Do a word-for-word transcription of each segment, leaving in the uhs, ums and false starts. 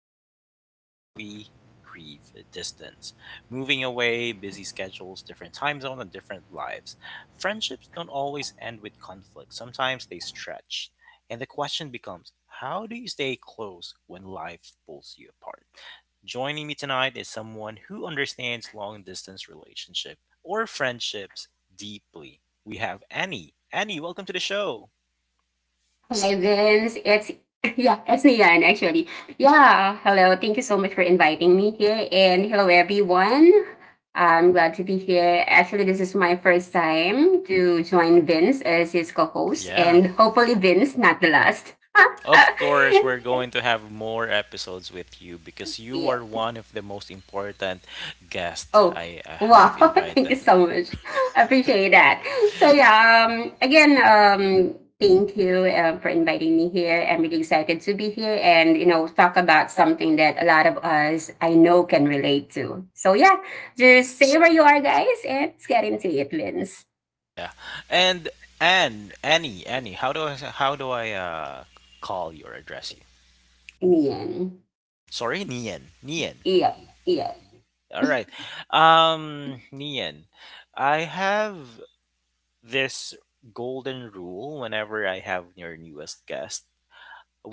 many of us quietly grieve distance. Moving away, busy schedules, different time zone, and different lives. Friendships don't always end with conflict, sometimes they stretch. And the question becomes, how do you stay close when life pulls you apart? Joining me tonight is someone who understands long distance relationship or friendships deeply. We have Annie. Annie, welcome to the show. Hi Vince, it's yeah, it's Nian actually. Yeah, hello. Thank you so much for inviting me here, and hello everyone. I'm glad to be here. Actually, this is my first time to join Vince as his co-host, Yeah. and hopefully Vince not the last. Of course, we're going to have more episodes with you because you Yeah. are one of the most important guests Oh, I uh, wow. have Thank you invited. so much. I appreciate that. So, yeah, um, again, um, thank you um, for inviting me here. I'm really excited to be here and, you know, talk about something that a lot of us I know can relate to. So, yeah, just stay where you are, guys, and let's get into it, Lins. Yeah. And Anne, Annie, Annie, how do I how do I uh call you or address you? In the end. Sorry, Nian. Nian. Yep, yep. All right. Um Nian, I have this golden rule whenever I have your newest guest.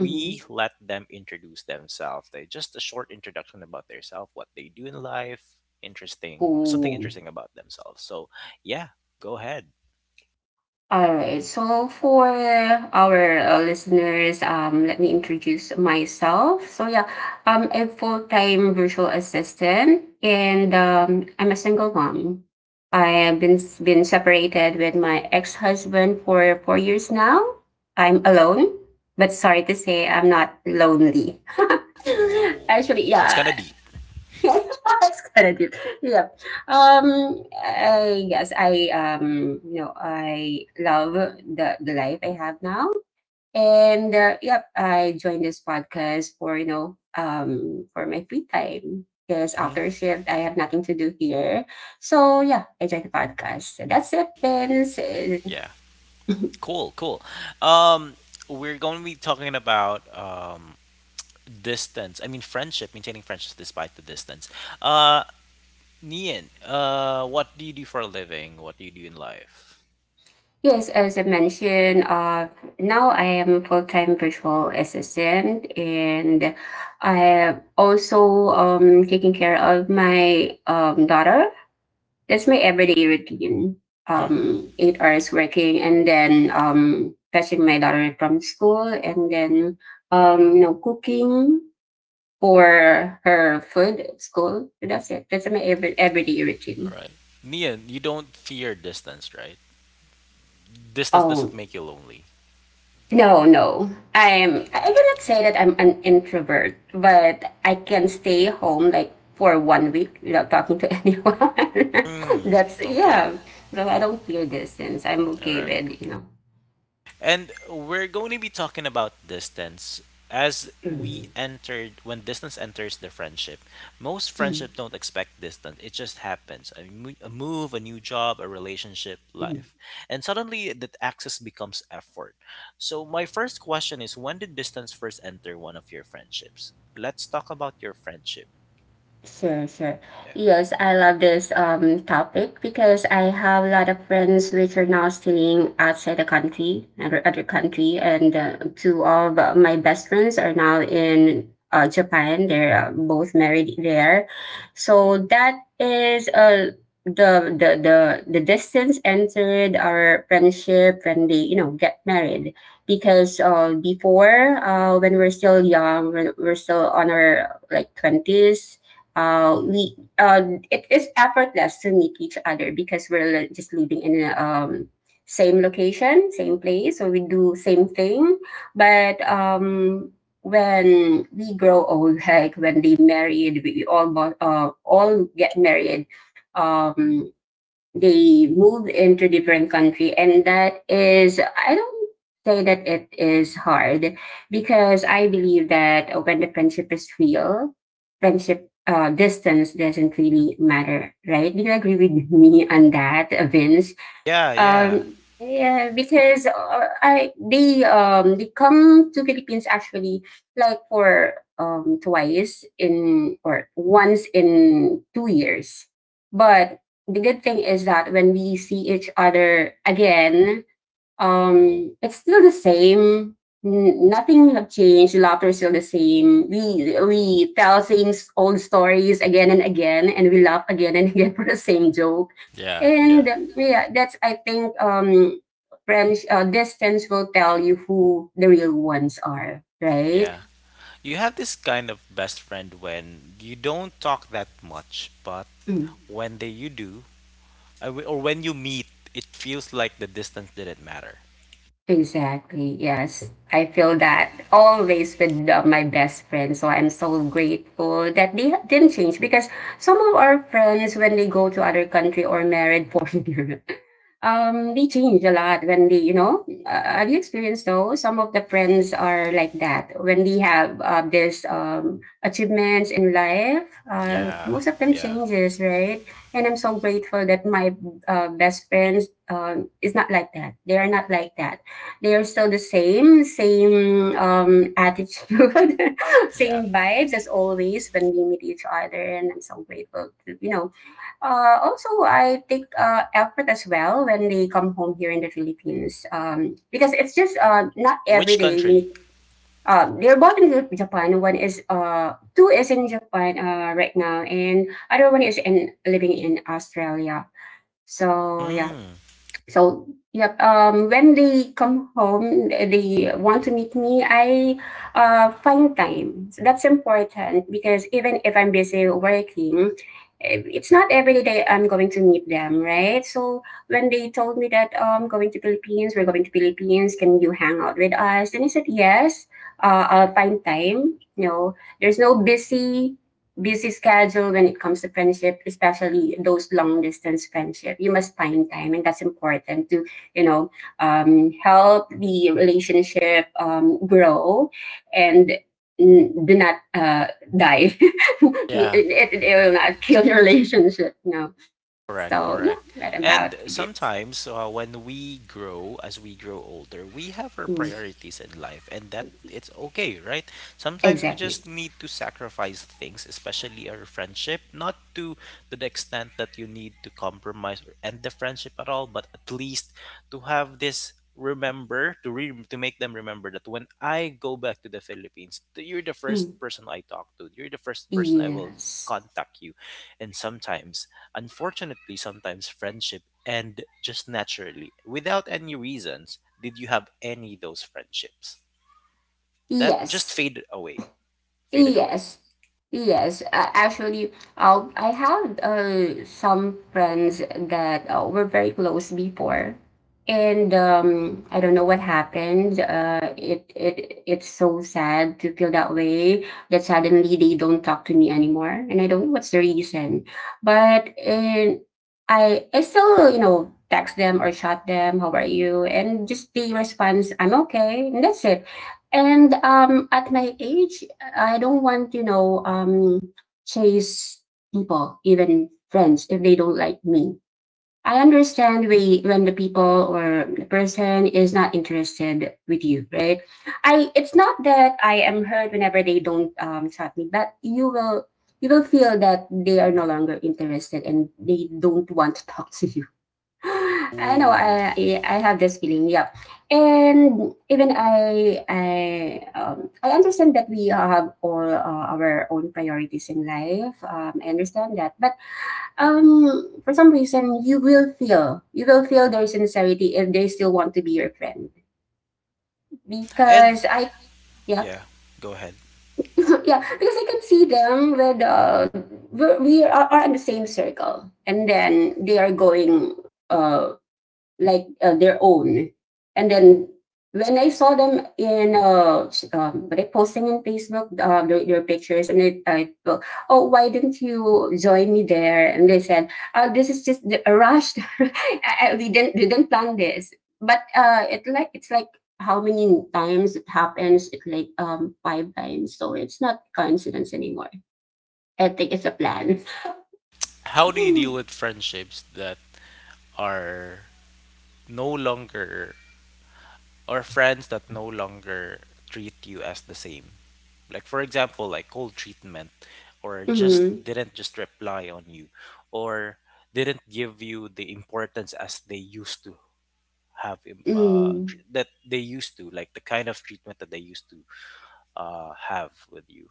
Mm-hmm. let them introduce themselves. They just a short introduction about themselves, what they do in life, interesting, something Cool. interesting about themselves. So, yeah, go ahead. All right. So for our uh, listeners, um, let me introduce myself. So yeah, um, I'm a full-time virtual assistant, and um, I'm a single mom. I have been been separated with my ex-husband for four years now. I'm alone, but sorry to say, I'm not lonely. Oh, Actually, that's kind of yeah, deep. that's correct. Yeah. Um. I guess I um. You know, I love the the life I have now, and uh, yep, I joined this podcast for you know um for my free time because after Hmm. shift I have nothing to do here. So yeah, I joined the podcast. So that's it, Vince. Uh, Yeah, cool, cool. Um, we're going to be talking about um distance. I mean, friendship, maintaining friendships despite the distance. Uh, Nian, uh, what do you do for a living? What do you do in life? Yes, as I mentioned, uh, now I am a full-time virtual assistant and I am also um, taking care of my um, daughter. That's my everyday routine. Mhm. Um, eight hours working and then um, fetching my daughter from school and then um, you know, cooking for her food at school. That's it. That's my every everyday All routine. right, Nian, you don't fear distance, right? Distance doesn't Oh, make you lonely. no, no. I'm I cannot say that I'm an introvert, but I can stay home like for one week without talking to anyone. Hmm. That's Okay. yeah. So I don't fear distance. I'm All okay right. with you know. And we're going to be talking about distance as we Mm, entered when distance enters the friendship. Most mm, friendships don't expect distance. It just happens. A, mo- a move, a new job, a relationship, mm. life. And suddenly that access becomes effort. So my first question is, when did distance first enter one of your friendships? Let's talk about your friendship. Sure, sure. Yeah. Yes, I love this um topic because I have a lot of friends which are now staying outside the country, other other country, and uh, two of my best friends are now in uh, Japan. They're uh, both married there, so that is uh the the the the distance entered our friendship when they you know get married because uh before uh when we're still young when we're still on our like twenties, uh, we uh, it is effortless to meet each other because we're just living in a um, same location, same place, so we do same thing. But um, when we grow old, like when they married, we all bought, uh, all get married. Um, they moved into different country and that is I don't say that it is hard because I believe that when the friendship is real friendship, uh, distance doesn't really matter, right? Do you agree with me on that, Vince? Yeah, yeah. um, yeah, because uh, I they um they come to Philippines actually, like for um twice in or once in two years. But the good thing is that when we see each other again, um, it's still the same. N- Nothing have changed. The laughter is still the same. We we tell same s- old stories again and again, and we laugh again and again for the same joke. Yeah, yeah. And um, yeah, that's I think, um, friends uh, distance will tell you who the real ones are, right? Yeah. You have this kind of best friend when you don't talk that much, but when they you do, I w- or when you meet, it feels like the distance didn't matter. Exactly. Yes. I feel that always with uh, my best friends. So I'm so grateful that they ha- didn't change because some of our friends, when they go to other country or married foreigner, um they change a lot when they you know uh, have you experienced, though, some of the friends are like that when they have uh, this um achievements in life? uh, Yeah, Most of them yeah, changes, right? And I'm so grateful that my uh, best friends um, is not like that. They are not like that. They are still the same same um attitude, yeah. same vibes as always when we meet each other, and I'm so grateful to, you know uh, also, I take uh, effort as well when they come home here in the Philippines, um, because it's just uh, not every Which day we country? meet. Um, they're both in Jap- Japan. One is uh, two is in Japan uh, right now, and other one is in living in Australia. So yeah, Mm, so yep, um when they come home they want to meet me. I uh find time, so that's important, because even if I'm busy working, eh, it's not every day I'm going to meet them, right? So when they told me that, um going to philippines we're going to Philippines, can you hang out with us? And I said yes. uh, I'll find time. You know there's no busy busy schedule when it comes to friendship, especially those long distance friendship. You must find time, and that's important to you know um, help the relationship um, grow and mm, do not uh, die. yeah. it, it, it will not kill the relationship. No. Correct, So yeah, correct. what about And it? sometimes uh, when we grow, as we grow older, we have our Mm, priorities in life, and that it's okay, right? Sometimes we just exactly. need to sacrifice things, especially our friendship, not to to the extent that you need to compromise or end the friendship at all, but at least to have this remember to re- to make them remember that when I go back to the Philippines, th- you're the Mm, first person I talk to. You're the first person I will yes. contact you. And sometimes, unfortunately, sometimes friendship end just naturally without any reasons. Did you have any of those friendships that just Yes. faded away? Faded away. Yes, yes. Uh, actually, uh, I have uh, some friends that uh, were very close before, and um, I don't know what happened. Uh, it it it's so sad to feel that way that suddenly they don't talk to me anymore, and I don't know what's the reason. But and I I still you know text them or chat them. How are you? And just the response, I'm okay, and that's it. And um, at my age, I don't want, you know, um, chase people, even friends, if they don't like me. I understand we, when the people or the person is not interested with you, right? I it's not that I am hurt whenever they don't um chat me, but you will you will feel that they are no longer interested and they don't want to talk to you. I know. I Ooh. I I have this feeling. Yeah, and even I I um, I understand that we have all uh, our own priorities in life. Um, I understand that, but um, for some reason, you will feel you will feel their sincerity if they still want to be your friend And because I. Yeah, yeah, go ahead. yeah, because I can see them with uh, we're, we are, are in the same circle, and then they are going uh like uh, their own. And then when I saw them in uh, um, what posting in Facebook, uh, their, their pictures, and I, I thought, oh, why didn't you join me there? And they said, oh, this is just a rush. I, I, we didn't we didn't plan this, but uh, it like it's like, how many times it happens? It, like, um five times, so it's not coincidence anymore. I think it's a plan. How do you deal with friendships that are no longer, or friends that no longer treat you as the same? Like for example, like cold treatment or mm-hmm. just didn't just reply on you or didn't give you the importance as they used to have im- uh Mm. tr- that they used to, like the kind of treatment that they used to uh have with you.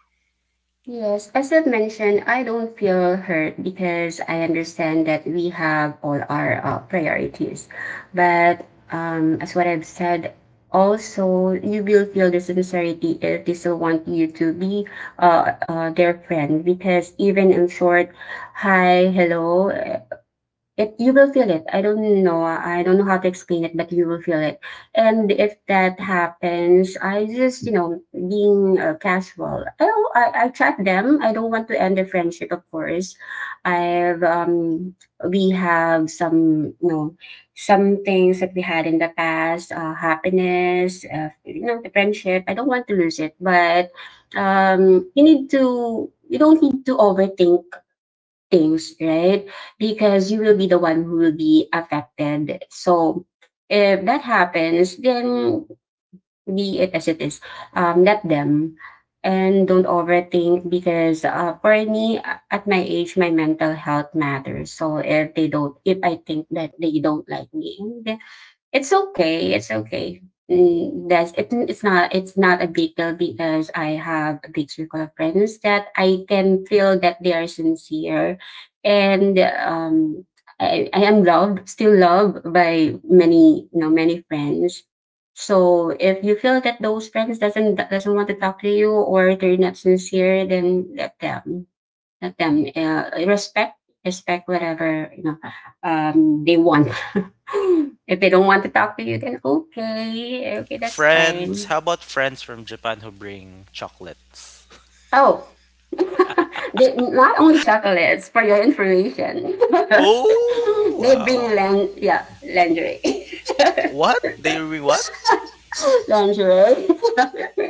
Yes, as I've mentioned, I don't feel hurt because I understand that we have all our uh, priorities. But um, as what I've said, also you will feel the sincerity if they still want you to be uh, uh, their friend, because even in short, hi, hello, it you will feel it. I don't know, I don't know how to explain it, but you will feel it. And if that happens, I just, you know, being uh, casual, I, don't- I I chat them. I don't want to end the friendship, of course. I've um we have some, you know, some things that we had in the past, uh, happiness, uh, you know, the friendship. I don't want to lose it, but um, you need to. You don't need to overthink things, right? Because you will be the one who will be affected. So if that happens, then be it as it is, um, let them. And don't overthink because, uh, for me, a- at my age, my mental health matters. So if they don't, if I think that they don't like me, it's okay. It's okay. Mm, that's it. It's not. It's not a big deal because I have a big circle of friends that I can feel that they are sincere, and um, I, I am loved, still loved by many, you know, many friends. So if you feel that those friends doesn't doesn't want to talk to you or they're not sincere, then let them let them uh, respect respect whatever, you know um, they want. if they don't want to talk to you, then okay, okay, that's Friends, fine. how about friends from Japan who bring chocolates? Oh, they not only chocolates for your information. Oh, they bring wow. lan- yeah, lingerie. What? They bring what? lingerie.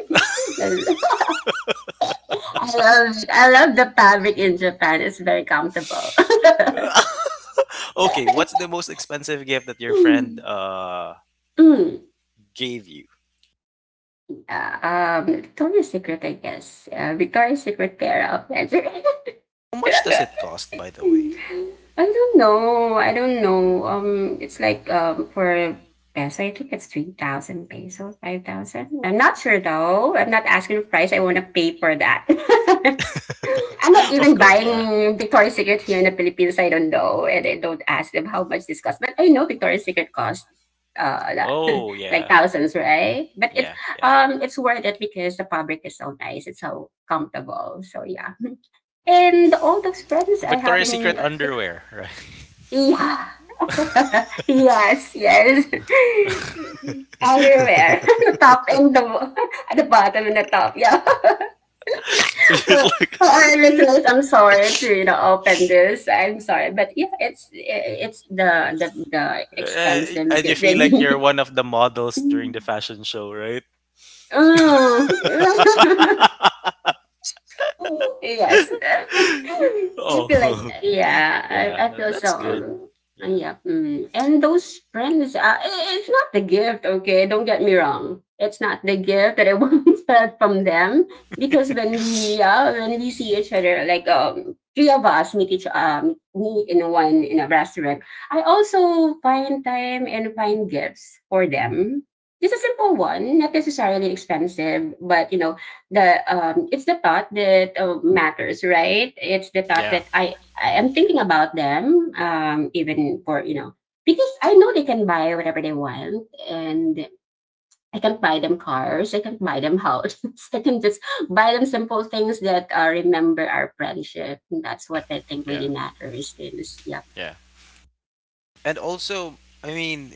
I love it. I love the fabric in Japan. It's very comfortable. Okay, what's the most expensive gift that your friend uh Mm. gave you? Yeah, um, Victoria's Secret, I guess. Yeah, Victoria's Secret pair of pants. How much does it cost, by the Hmm. way? I don't know. I don't know. Um, it's like, um for peso, I think it's three thousand peso, five thousand. I'm not sure though. I'm not asking the price. I want to pay for that. I'm not Of even course, yeah. buying Victoria's Secret here in the Philippines. I don't know, and I don't ask them how much this costs. But I know Victoria's Secret costs uh la- Oh, like yeah. thousands, right? But it's Yeah, yeah. um it's worth it because the fabric is so nice. It's so comfortable. So yeah. And all those friends I have Victoria's Secret in underwear, right? yeah. Yes, yes. Underwear, the top and the at the bottom and the top. Yeah. For It's like for our listeners, I'm sorry to you know open this. I'm sorry, but yeah, it's it's the the the Uh, expensive and you feel like you're big. one of the models during the fashion show, right? Mm. Yes. I feel like Oh. that. Yeah, I, I Yeah, feel so. that's good. um, Yeah. And yeah, mm. and those friends, uh, i- it's not the gift, okay? Don't get me wrong. It's not the gift that I wanted from them because when we, yeah, when we see each other, like um, three of us meet each um meet in one in a restaurant. I also find time and find gifts for them. Just a simple one, not necessarily expensive, but you know, the um, it's the thought that uh, matters, right? It's the thought Yeah, that I I am thinking about them, um, even for you know because I know they can buy whatever they want, and I can buy them cars, I can buy them houses, I can just buy them simple things that uh, remember our friendship. And that's what I think yeah, really matters. Is yeah, yeah. And also, I mean,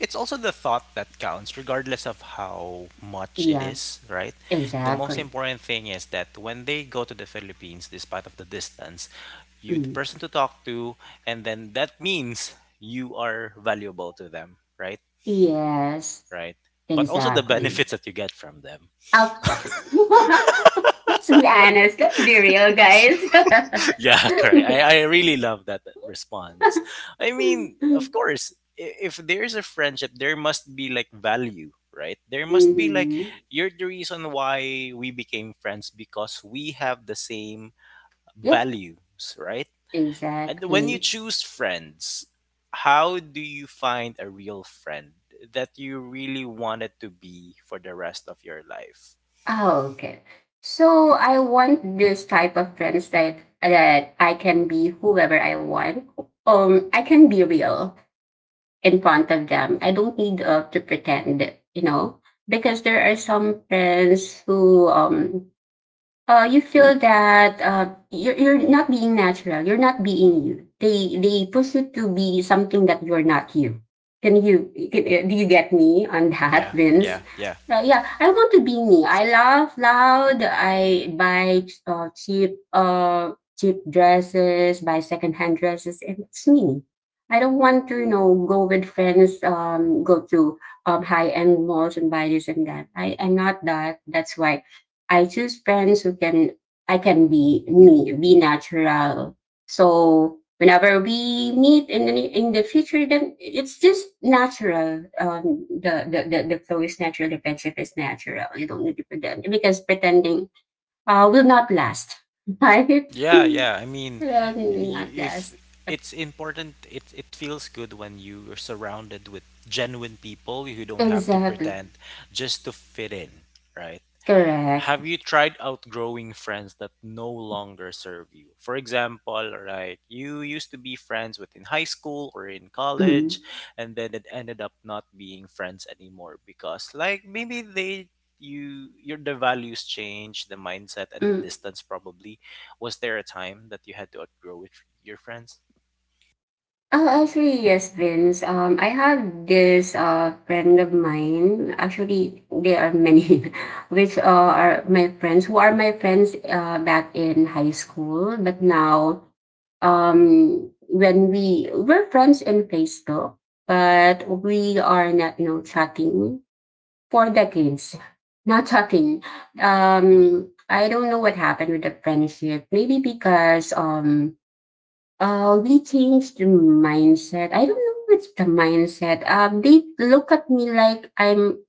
it's also the thought that counts, regardless of how much it yeah, is, right? The most exactly. important thing is that when they go to the Philippines, despite of the distance, you the Mm. person to talk to, and then that means you are valuable to them, right? Yes, Right. But also the exactly. benefits that you get from them. Of course. Let's be honest. Let's be real, guys. Yeah, correct. I, I really love that response. I mean, of course, i- if there's a friendship, there must be like value, right? There must be like Mhm. you're the reason why we became friends because we have the same Yep, values, right? And when you exactly. choose friends, how do you find a real friend that you really wanted to be for the rest of your life? Oh, okay. So I want this type of friends that that I can be whoever I want. Um, I can be real in front of them. I don't need uh, to pretend, you know, because there are some friends who um uh, you feel that uh, you're, you're not being natural. You're not being you. They they push you to be something that you're not you. Can you can, uh, do you get me on that, Yeah, Vince? yeah, yeah. Uh, yeah, I want to be me. I laugh loud. I buy uh, cheap uh cheap dresses, buy secondhand dresses, and it's me. I don't want to you know go with friends, um, go to um high end malls and buy this and that. I I'm not that. That's why I choose friends who can I can be me, be natural. So whenever we meet in the in the future, then it's just natural. Um, the the the, the flow is natural. The friendship is natural. You don't need to pretend because pretending uh, will not last, right? Yeah, yeah. I mean, Um, will not you, if last. it's important, it it feels good when you are surrounded with genuine people who don't have to Exactly. pretend just to fit in, right? Correct. Have you tried outgrowing friends that no longer serve you? For example, right, you used to be friends with in high school or in college, Mm. and then it ended up not being friends anymore because, like, maybe they you your the values change the mindset and the Mm. distance probably, was there a time that you had to outgrow with your friends? Uh, actually, yes, Vince. Um, I have this uh friend of mine. Actually, there are many, which uh, are my friends, who are my friends uh, back in high school. But now, um, when we were friends in Facebook, but we are not, you know, chatting for decades. Not chatting. Um, I don't know what happened with the friendship. Maybe because um uh, we changed the mindset. I don't know what's the mindset. Um, they look at me like I'm.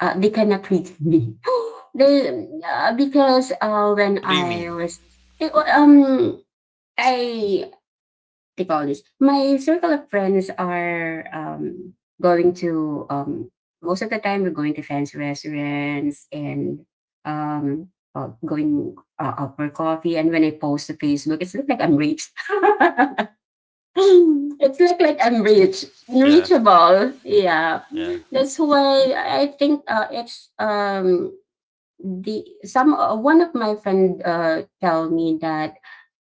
Uh, they cannot reach me. They uh, because uh, when What do you I mean? was it wa- um I they call this my circle of friends are um going to um most of the time we're going to fancy restaurants and um uh, going uh, out for coffee, and when I post to Facebook it's look like I'm rich. It's look like I'm rich, Yeah, reachable. Yeah, yeah. that's why I think uh, it's um the some uh, one of my friend uh tell me that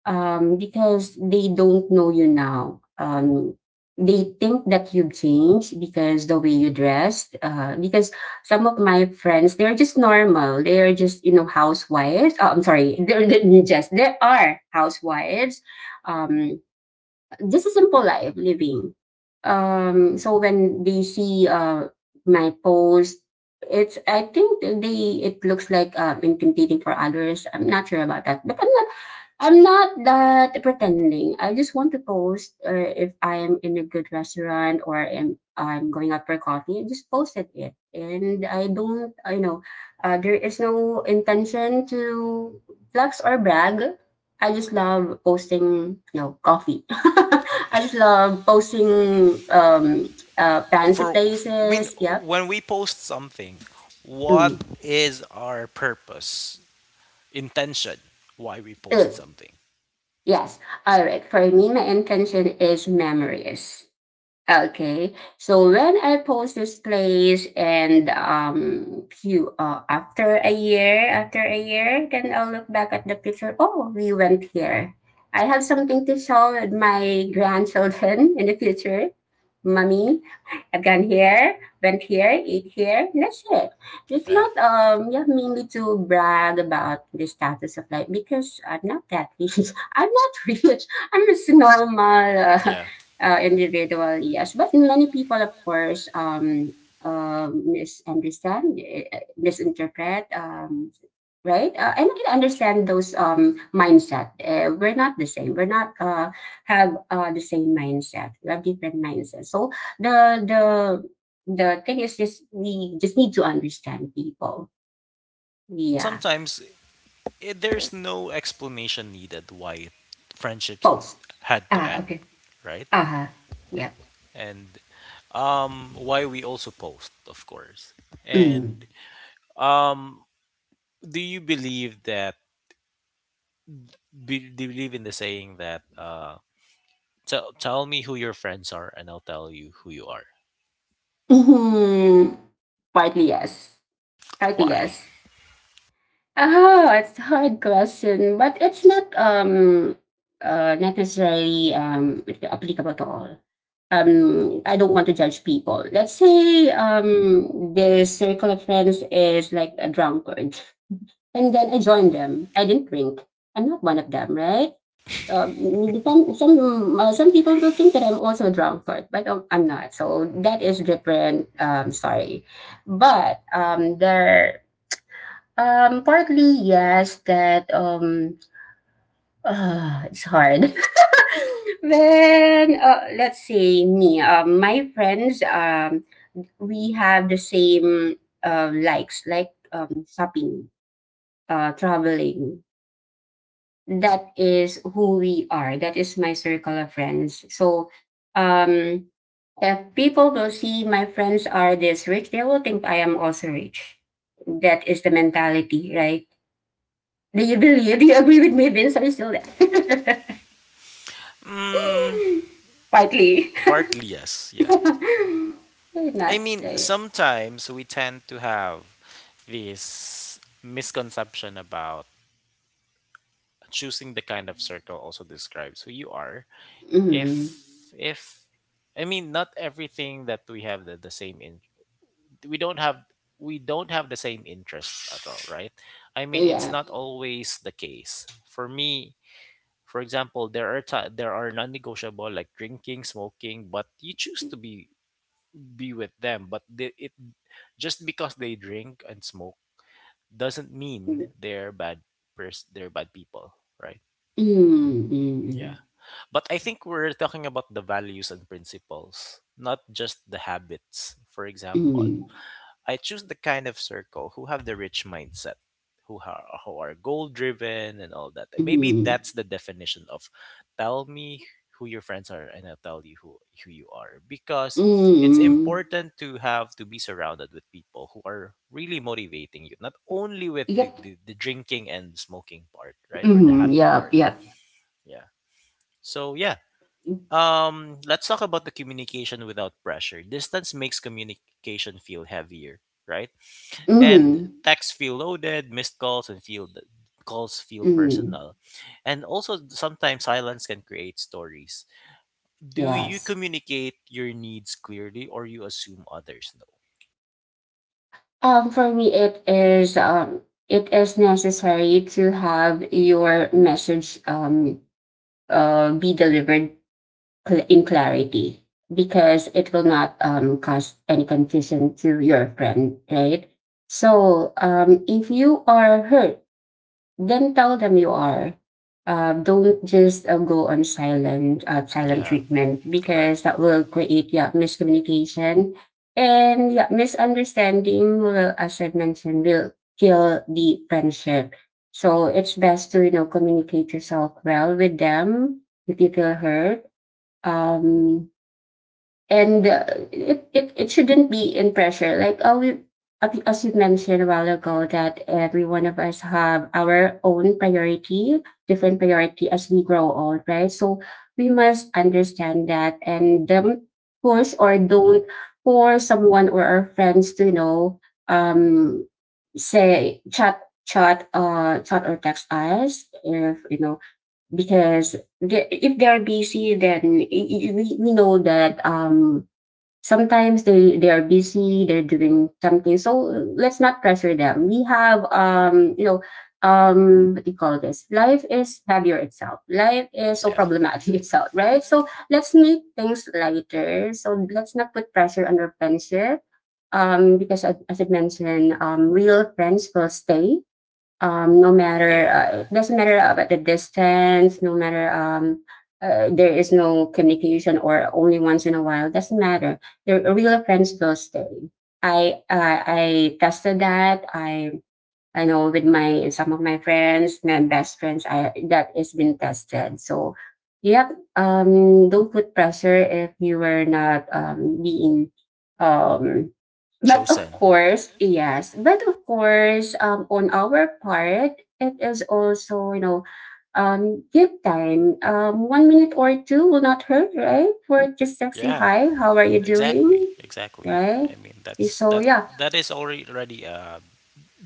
um because they don't know you now, um they think that you've changed because the way you dressed uh because some of my friends they're just normal, they're just you know housewives. Oh, I'm sorry, they're, they're just they are housewives, um just a simple life living. Um, so when they see uh my post, it's I think they it looks like uh intimidating for others. I'm not sure about that, but I'm not I'm not that pretending. I just want to post uh, if I am in a good restaurant or am I'm going out for coffee. I just posted it, and I don't. You know uh, there is no intention to flex or brag. I just love posting, you know, coffee. I just love posting um, uh, fancy For f- I mean, places. Yeah. when we post something, what Mm. is our purpose? Intention why we Uh, post something. yes. All right. For me, my intention is memories. Okay, so when I post this place and um few uh, after a year, after a year, then I'll look back at the picture. Oh, we went here. I have something to show with my grandchildren in the future. Mommy, I've gone here, went here, ate here. And That's it. It's Yeah. not um yeah mainly to brag about the status of life because I'm not that rich. I'm not rich. I'm just normal Yeah. uh, individual, yes. But many people, of course, um, um misunderstand, eh, eh, misinterpret, um, right? Uh, and I can understand those um, mindset. Uh, we're not the same. We're not uh, have uh, the same mindset. We have different mindsets. So the the the thing is just we just need to understand people. Yeah. Sometimes, it, there's no explanation needed why friendships Post. had to Ah, end, okay. right? Uh-huh. Yep. And um, why we also post, of course. Mm. And um, do you believe that? Be, do you believe in the saying that uh, tell tell me who your friends are, and I'll tell you who you are? Hmm. Partly yes. Partly Why? yes. Oh, it's a hard question, but it's not um uh necessarily um applicable to all. Um, I don't want to judge people. Let's say um the circle of friends is like a drunkard, and then I join them. I didn't drink. I'm not one of them, right? Um, some some uh, some people will think that I'm also a drunkard, but um, I'm not. So that is different. Um, sorry, but um, there um, partly, yes, that, um, ah, it's hard. When, uh, let's say me, um, my friends, um, we have the same uh, likes, like um, shopping, uh, traveling. That is who we are. That is my circle of friends. So, um, if people will see my friends are this rich, they will think I am also rich. That is the mentality, right? Do you believe? Do you agree with me, Vince? Are you still there? Mm, Quietly. partly yes, yeah. I Not mean, there. sometimes we tend to have this misconception about choosing the kind of circle also describes who you are, if Mm, if I mean, not everything that we have the, the same in, we don't have, we don't have the same interests at all, right? I mean, it's yeah. not always the case for me. For example, there are ti there are non-negotiable like drinking, smoking, but you choose to be be with them, but they, it just because they drink and smoke doesn't mean Mm, they're bad pers- they're bad people, right? Yeah. mm, But I think we're talking about the values and principles, not just the habits. For example, mm, I choose the kind of circle who have the rich mindset, who are, who are goal driven and all that. Maybe mm, that's the definition of tell me who your friends are and I'll tell you who, who you are. Because it's mm. important to have to be surrounded with people who are really motivating you, not only with the, Yep. the, the drinking and smoking part, right? Or the Mm, happy yep. part. Yep. Yeah. So yeah. Um let's talk about the communication without pressure. Distance makes communication feel heavier, right? And hmm Mm, texts feel loaded, missed calls and feel calls feel mm, personal. And also sometimes silence can create stories. Do you yes. communicate your needs clearly, or you assume others know? Um, for me, it is um, it is necessary to have your message um, uh, be delivered cl- in clarity because it will not um, cause any confusion to your friend, right? So um, if you are hurt, then tell them you are. Uh, don't just uh, go on silent, uh, silent Yeah, treatment correct. because that will create yeah, miscommunication and yeah, misunderstanding will, as I mentioned, will kill the friendship. So it's best to you know communicate yourself well with them if you feel hurt um and uh, it, it it shouldn't be in pressure like oh we, as as you mentioned a while ago, that every one of us have our own priority, different priority as we grow old, right? So we must understand that, and um, push or don't force someone or our friends to you know um say chat chat uh chat or text us if you know, because the, if they're busy then i- i- we, we know that um sometimes they they are busy, they're doing something, so uh, let's not pressure them. We have um you know um what do you call this, life is heavier itself, life is so Yeah. problematic itself, right? So let's make things lighter, so let's not put pressure on our friendship, um because as, as I mentioned, um real friends will stay, um, no matter Yeah. uh, it doesn't matter about the distance, no matter um, uh, there is no communication or only once in a while, doesn't matter. The real friends will stay. I uh, I tested that. I I know with my some of my friends, my best friends, I that is been tested. So yep. Um, don't put pressure if you were not um being um. But of Chosen. course, yes. But of course, um, on our part, it is also you know, um, give time. Um, one minute or two will not hurt, right? We're just texting Yeah, hi. How are you exactly, doing? exactly. Right. I mean, that's So that yeah, that is already already a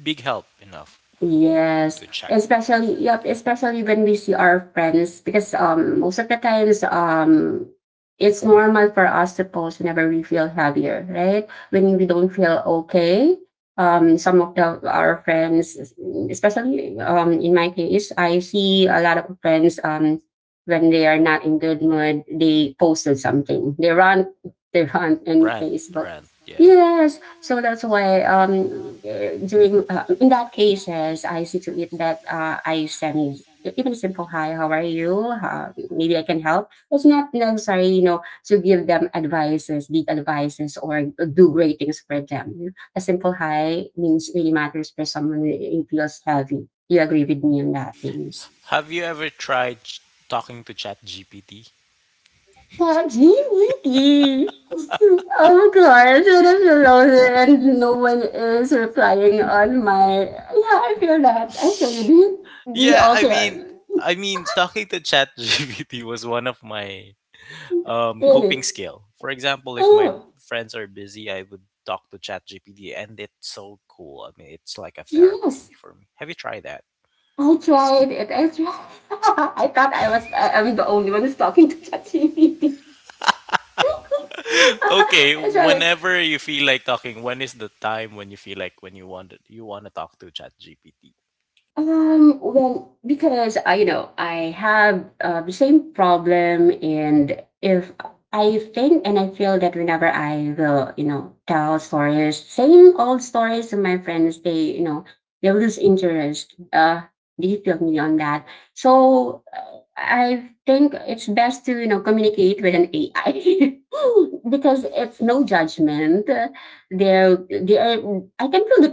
big help enough yes, to check. especially yep, especially when we see our friends because um most of the times um it's normal for us to post whenever we feel heavier, right? When we don't feel okay. Um some of the our friends, especially um in my case, I see a lot of friends um when they are not in good mood, they posted something. They rant they rant in Rant, Facebook. rant. Yeah. Yes, so that's why um eh, during uh, in that cases I see to it that uh, I send even a simple hi, how are you? Uh, maybe I can help. It's not necessary, you know, to give them advices, big advices, or do great things for them. A simple hi means really matters for someone. It feels heavy. You agree with me on that, things? Have you ever tried ch- talking to Chat G P T? Gee whitey. Oh gosh, I'm alone and no one is replying on my. Yeah, I feel that. I feel it. Do you, do you Yeah, I also mean, I mean, talking to Chat G P T was one of my um coping really? skill. For example, if my Oh friends are busy, I would talk to Chat G P T, and it's so cool. I mean, it's like a therapy yes, for me. Have you tried that? I tried it. I tried. I thought I was. I, I'm the only one who's talking to ChatGPT. Okay, I tried. whenever you feel like talking, when is the time when you feel like when you want you want to talk to ChatGPT? Um, well, because I, you know, I have uh, the same problem, and if I think and I feel that whenever I will, you know, tell stories, same old stories to my friends, they, you know, they lose interest. Uh, they feel me on that. So uh, I think it's best to, you know, communicate with an A I because it's no judgment. There, there, I can feel the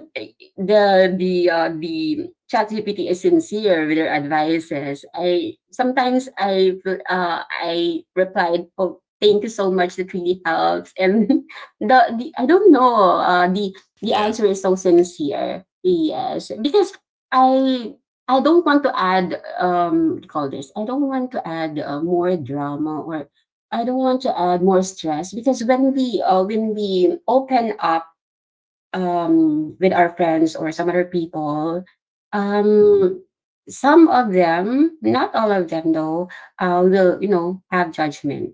the the uh, the ChatGPT is sincere with their advices. I sometimes I uh, I replied, "Oh, thank you so much. That really helps." And the, the I don't know. Uh, the the Yeah. answer is so sincere. Yes, because I I don't want to add um what do you call this. I don't want to add uh, more drama or I don't want to add more stress because when we uh, when we open up um, with our friends or some other people, um, some of them, not all of them though, uh, will you know have judgment,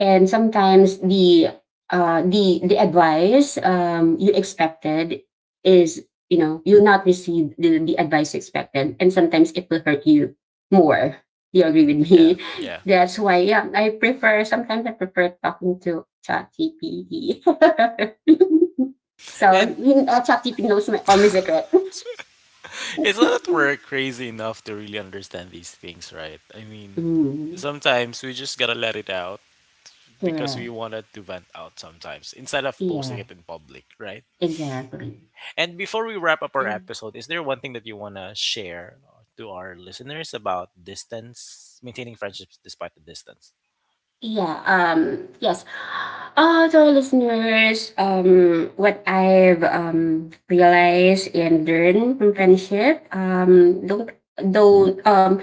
and sometimes the uh, the the advice um, you expected is you know you'll not receive the, the advice you expected, and sometimes it will hurt you more. Do you agree with Yeah, me? yeah. That's why, yeah, I prefer sometimes I prefer talking to ChatGPT. So And yun, uh, ChatGPT knows my, all my secrets. it's not that we're crazy enough to really understand these things, right? I mean, Mm, sometimes we just gotta let it out because we correct. wanted to vent out sometimes instead of posting Yeah, it in public, right? exactly. And before we wrap up our episode, is there one thing that you wanna share to our listeners about distance, maintaining friendships despite the distance? Yeah, um, yes. Uh, to our listeners, um, what I've um, realized and learned from friendship, um, don't don't um,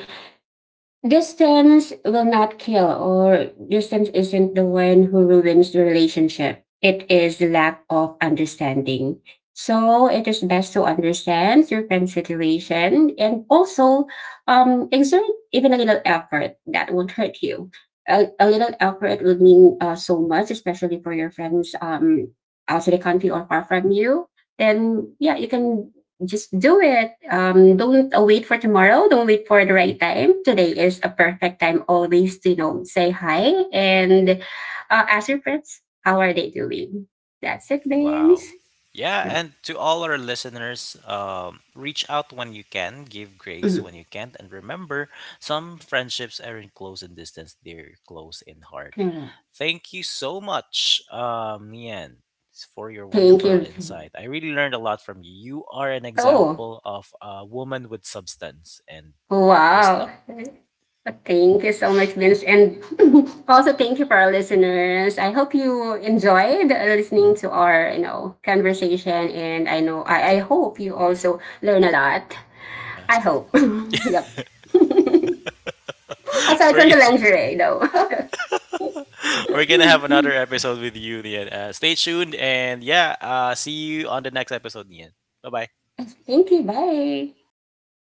distance will not kill, or distance isn't the one who ruins the relationship. It is the lack of understanding. So it is best to understand your friend's situation, and also um, exert even a little effort that won't hurt you. A, a little effort would mean uh, so much, especially for your friends um, outside the country or far from you. Then, yeah, you can just do it. Um, don't uh, wait for tomorrow. Don't wait for the right time. Today is a perfect time always to, you know, say hi and uh, ask your friends, how are they doing? That's it, Baines. Wow. Yeah, Yep. and to all our listeners, um, reach out when you can, give grace Mhm. when you can't, and remember, some friendships aren't close in distance; they're close in heart. Mm. Thank you so much, um, Nian, for your Thank wonderful you. insight. I really learned a lot from you. You are an Oh, example of a woman with substance and wow. wisdom. Thank you so much, Vince. And also thank you for our listeners. I hope you enjoyed uh, listening to our, you know, conversation. And I know I, I hope you also learn a lot. I hope. Yep. Aside from We're, the lingerie, though. we're gonna have another episode with you, Nian. Uh, stay tuned, and yeah, uh, see you on the next episode, Nian. Bye bye. It's Pinky. Bye.